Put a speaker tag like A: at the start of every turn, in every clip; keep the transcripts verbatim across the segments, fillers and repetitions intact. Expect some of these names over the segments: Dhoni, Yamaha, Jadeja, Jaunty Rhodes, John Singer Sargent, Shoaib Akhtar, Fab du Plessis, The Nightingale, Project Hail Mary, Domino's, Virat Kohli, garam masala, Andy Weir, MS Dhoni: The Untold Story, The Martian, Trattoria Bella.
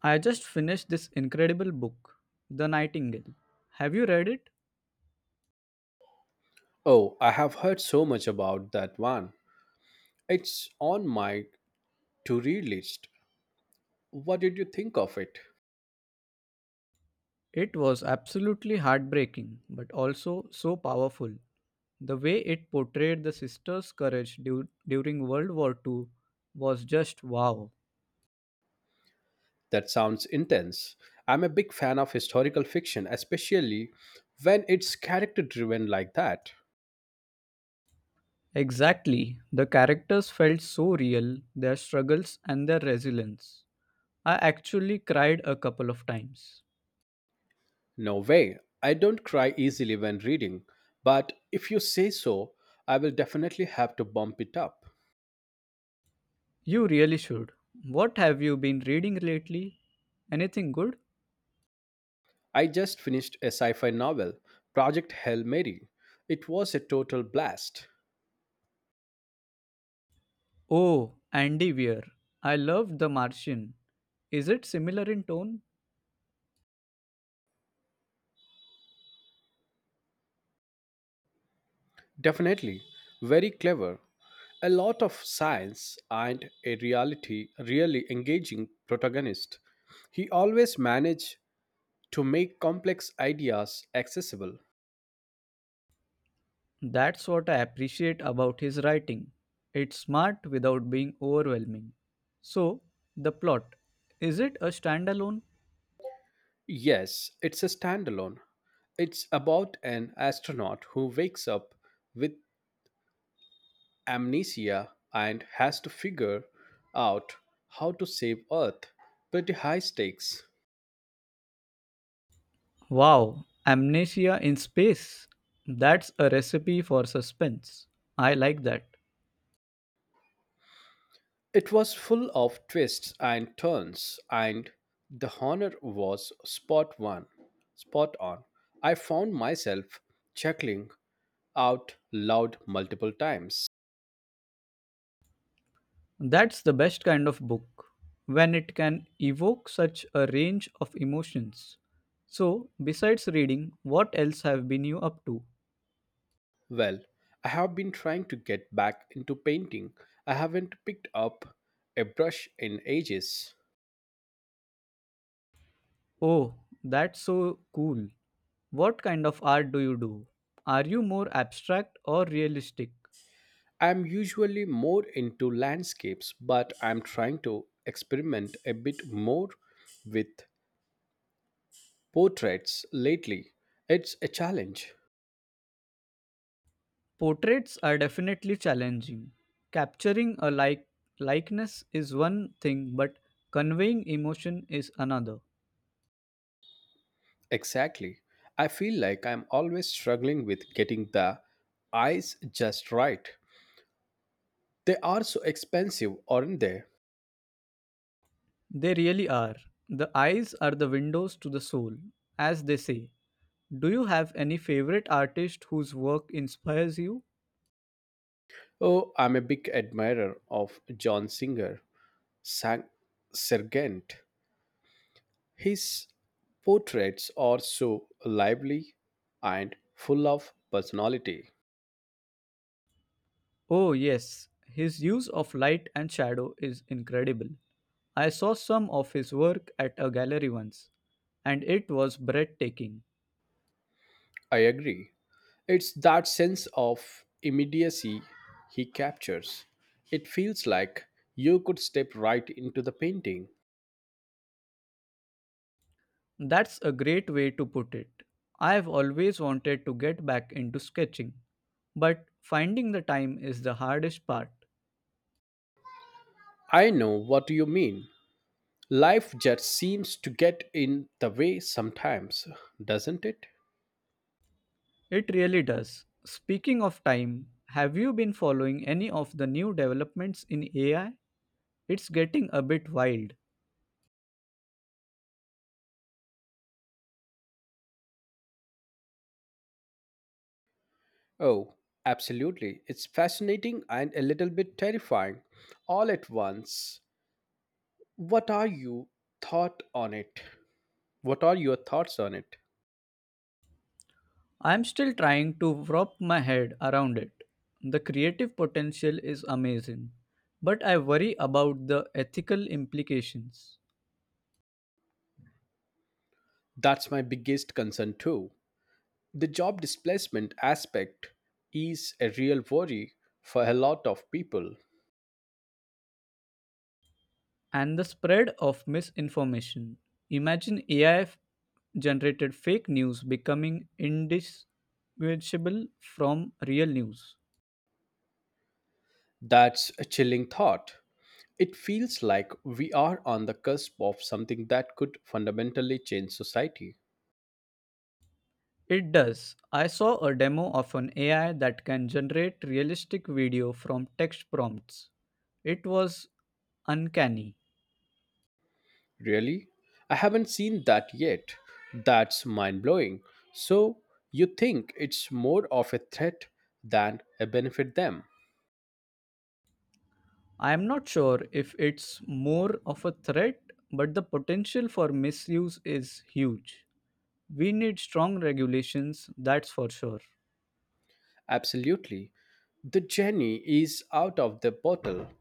A: I just finished this incredible book, The Nightingale. Have you read it?
B: Oh, I have heard so much about that one. It's on my to read list. What did you think of it?
A: It was absolutely heartbreaking, but also so powerful. The way it portrayed the sisters' courage du- during World War two was just wow.
B: That sounds intense. I'm a big fan of historical fiction, especially when it's character driven like that.
A: Exactly. The characters felt so real, their struggles and their resilience. I actually cried a couple of times.
B: No way. I don't cry easily when reading, but if you say so, I will definitely have to bump it up.
A: You really should. What have you been reading lately? Anything good?
B: I just finished a sci fi novel, Project Hail Mary. It was a total blast.
A: Oh, Andy Weir. I loved The Martian. Is it similar in tone?
B: Definitely. Very clever. A lot of science and a reality really engaging protagonist. He always managed to make complex ideas accessible.
A: That's what I appreciate about his writing. It's smart without being overwhelming. So, the plot. Is it a standalone?
B: Yes, it's a standalone. It's about an astronaut who wakes up with amnesia and has to figure out how to save Earth. Pretty high stakes.
A: Wow, Amnesia in Space. That's a recipe for suspense. I like that.
B: It was full of twists and turns, and the honor was spot one, spot on. I found myself chuckling out loud multiple times.
A: That's the best kind of book, when it can evoke such a range of emotions. So, besides reading, what else have been you up to?
B: Well, I have been trying to get back into painting. I haven't picked up a brush in ages.
A: Oh, that's so cool. What kind of art do you do? Are you more abstract or realistic?
B: I'm usually more into landscapes, but I'm trying to experiment a bit more with portraits lately. It's a challenge.
A: Portraits are definitely challenging. Capturing a like likeness is one thing, but conveying emotion is another.
B: Exactly. I feel like I'm always struggling with getting the eyes just right. They are so expensive, aren't they?
A: They really are. The eyes are the windows to the soul, as they say. Do you have any favorite artist whose work inspires you?
B: Oh, I'm a big admirer of John Singer, Sang- Sargent. His portraits are so lively and full of personality.
A: Oh, yes. His use of light and shadow is incredible. I saw some of his work at a gallery once, and it was breathtaking.
B: I agree. It's that sense of immediacy he captures. It feels like you could step right into the painting.
A: That's a great way to put it. I've always wanted to get back into sketching, but finding the time is the hardest part.
B: I know what you mean. Life just seems to get in the way sometimes, doesn't it?
A: It really does. Speaking of time, have you been following any of the new developments in A I? It's getting a bit wild.
B: Oh, absolutely. It's fascinating and a little bit terrifying all at once. What are you thought on it? What are your thoughts on it?
A: I'm still trying to wrap my head around it. The creative potential is amazing, but I worry about the ethical implications
B: That's my biggest concern too. The job displacement aspect is a real worry for a lot of people.
A: and the spread of misinformation. Imagine A I generated fake news becoming indistinguishable from real news.
B: That's a chilling thought. It feels like we are on the cusp of something that could fundamentally change society.
A: It does. I saw a demo of an A I that can generate realistic video from text prompts. It was uncanny.
B: Really? I haven't seen that yet. That's mind blowing. So, you think it's more of a threat than a benefit them?
A: I am not sure if it's more of a threat, but the potential for misuse is huge. We need strong regulations, that's for sure.
B: Absolutely. The genie is out of the bottle,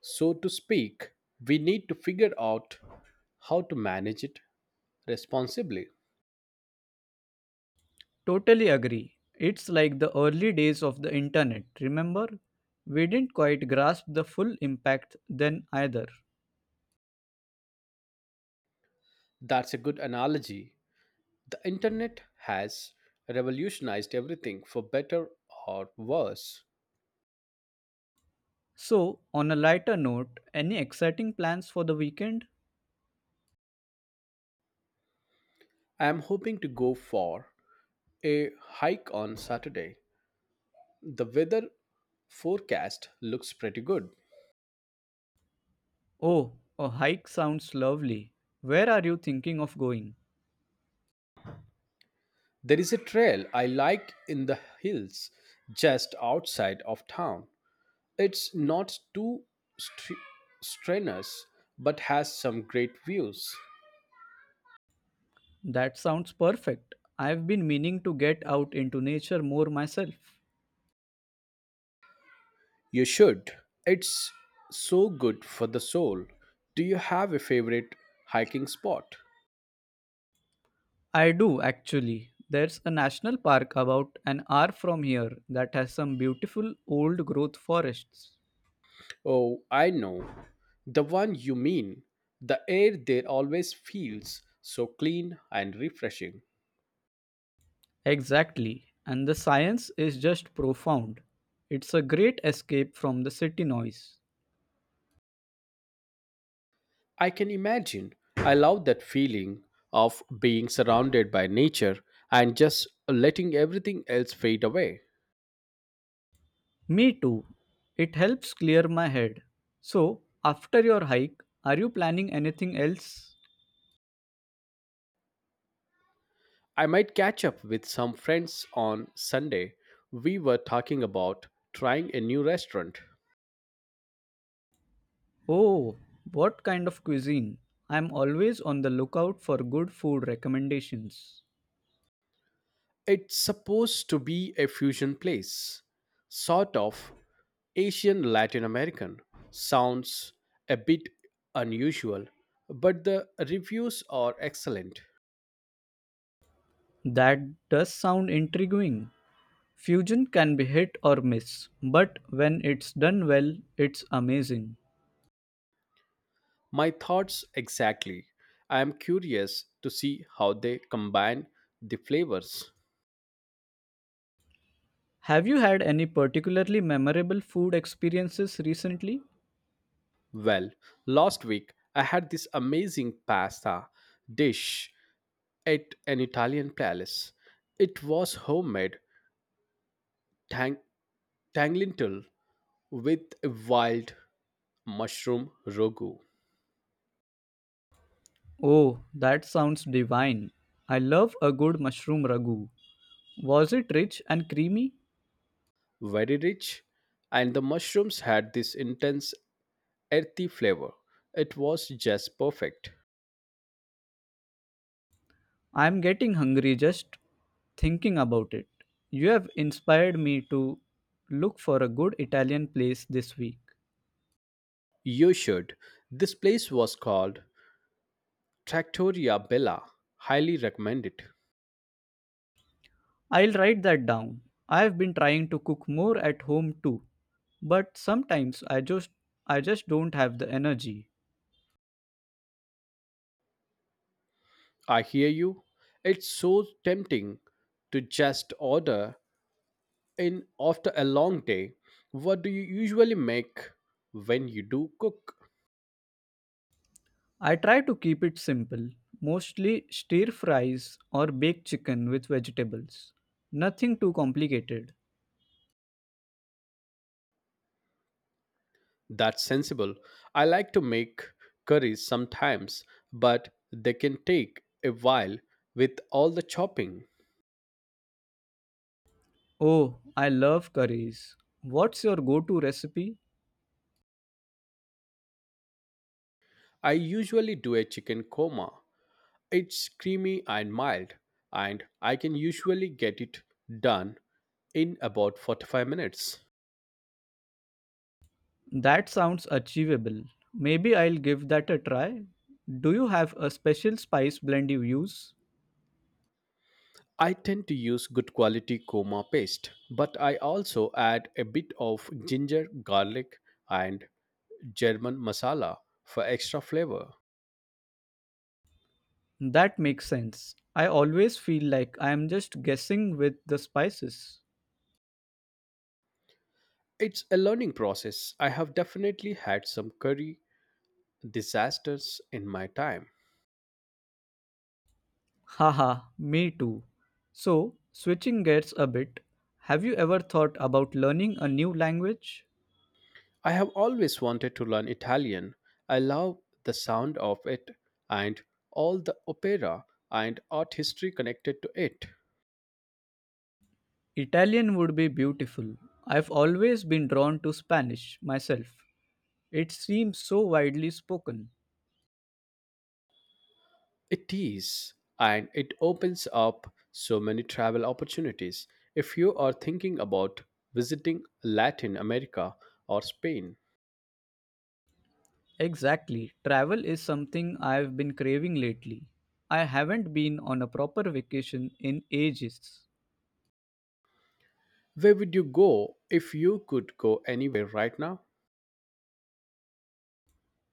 B: so to speak. We need to figure out how to manage it responsibly.
A: Totally agree. It's like the early days of the internet, remember? We didn't quite grasp the full impact then either.
B: That's a good analogy. The internet has revolutionized everything for better or worse.
A: So, on a lighter note, any exciting plans for the weekend?
B: I am hoping to go for a hike on Saturday. The weather forecast looks pretty good.
A: Oh, a hike sounds lovely. Where are you thinking of going?
B: There is a trail I like in the hills just outside of town. It's not too str- strenuous but has some great views.
A: That sounds perfect. I've been meaning to get out into nature more myself.
B: You should. It's so good for the soul. Do you have a favorite hiking spot?
A: I do actually. There's a national park about an hour from here that has some beautiful old growth forests.
B: Oh, I know. The one you mean. The air there always feels so clean and refreshing.
A: Exactly. And the science is just profound. It's a great escape from the city noise.
B: I can imagine. I love that feeling of being surrounded by nature and just letting everything else fade away.
A: Me too. It helps clear my head. So, after your hike, are you planning anything else?
B: I might catch up with some friends on Sunday. We were talking about trying a new restaurant.
A: Oh, what kind of cuisine? I'm always on the lookout for good food recommendations.
B: It's supposed to be a fusion place, sort of Asian Latin American. Sounds a bit unusual, but the reviews are excellent.
A: That does sound intriguing. Fusion can be hit or miss, but when it's done well, it's amazing.
B: My thoughts exactly. I am curious to see how they combine the flavors.
A: Have you had any particularly memorable food experiences recently?
B: Well, last week I had this amazing pasta dish at an Italian palace. It was homemade tang- tanglintel with a wild mushroom rogu.
A: Oh, that sounds divine. I love a good mushroom ragu. Was it rich and creamy?
B: Very rich, and the mushrooms had this intense earthy flavor. It was just perfect.
A: I'm getting hungry just thinking about it. You have inspired me to look for a good Italian place this week.
B: You should. This place was called Trattoria Bella. Highly recommend it.
A: I'll write that down. I've been trying to cook more at home too, but sometimes I just I just don't have the energy.
B: I hear you. It's so tempting to just order in after a long day. What do you usually make when you do cook?
A: I try to keep it simple, mostly stir fries or baked chicken with vegetables. Nothing too complicated.
B: That's sensible. I like to make curries sometimes, but they can take a while with all the chopping.
A: Oh, I love curries. What's your go-to recipe?
B: I usually do a chicken korma. It's creamy and mild, and I can usually get it done in about forty-five minutes.
A: That sounds achievable. Maybe I'll give that a try. Do you have a special spice blend you use?
B: I tend to use good quality korma paste, but I also add a bit of ginger, garlic, and German masala for extra flavor.
A: That makes sense. I always feel like I am just guessing with the spices.
B: It's a learning process. I have definitely had some curry disasters in my time.
A: Haha, me too. So, switching gears a bit, have you ever thought about learning a new language?
B: I have always wanted to learn Italian. I love the sound of it and all the opera and art history connected to it.
A: Italian would be beautiful. I've always been drawn to Spanish myself. It seems so widely spoken.
B: It is, and it opens up so many travel opportunities. If you are thinking about visiting Latin America or Spain,
A: Exactly. Travel is something I've been craving lately. I haven't been on a proper vacation in ages.
B: where would you go if you could go anywhere right now?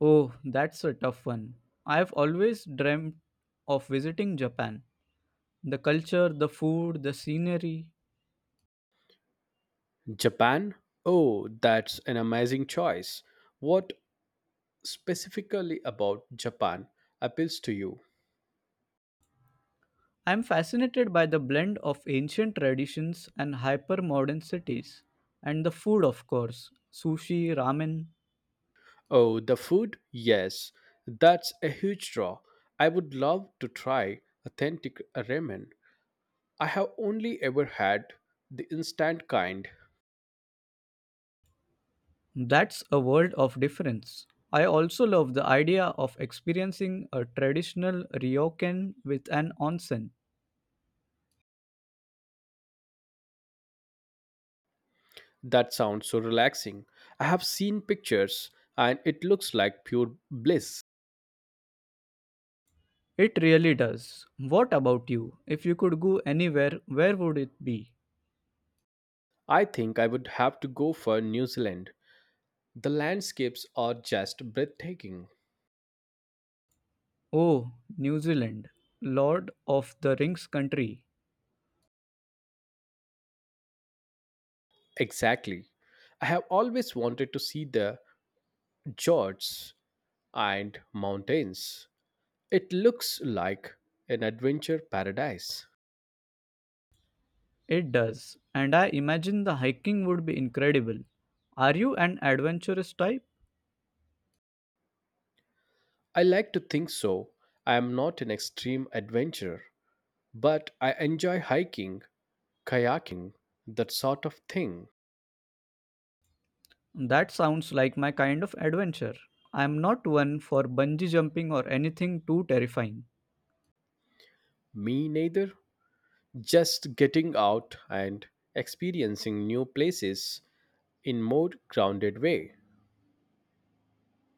A: Oh, that's a tough one. I've always dreamt of visiting Japan. The culture, the food, the scenery.
B: Japan? Oh, that's an amazing choice. What specifically about Japan appeals to you?
A: I'm fascinated by the blend of ancient traditions and hyper modern cities. And the food, of course sushi, ramen.
B: Oh, the food? Yes, that's a huge draw. I would love to try authentic ramen. I have only ever had the instant kind.
A: That's a world of difference. I also love the idea of experiencing a traditional ryokan with an onsen.
B: That sounds so relaxing. I have seen pictures and it looks like pure bliss.
A: It really does. What about you? If you could go anywhere, where would it be?
B: I think I would have to go for New Zealand. The landscapes are just breathtaking.
A: Oh, New Zealand. Lord of the Rings country.
B: Exactly. I have always wanted to see the Georges and mountains. It looks like an adventure paradise.
A: It does. And I imagine the hiking would be incredible. Are you an adventurous type?
B: I like to think so. I am not an extreme adventurer, but I enjoy hiking, kayaking, that sort of thing.
A: That sounds like my kind of adventure. I'm not one for bungee jumping or anything too terrifying.
B: Me neither. Just getting out and experiencing new places in more grounded way.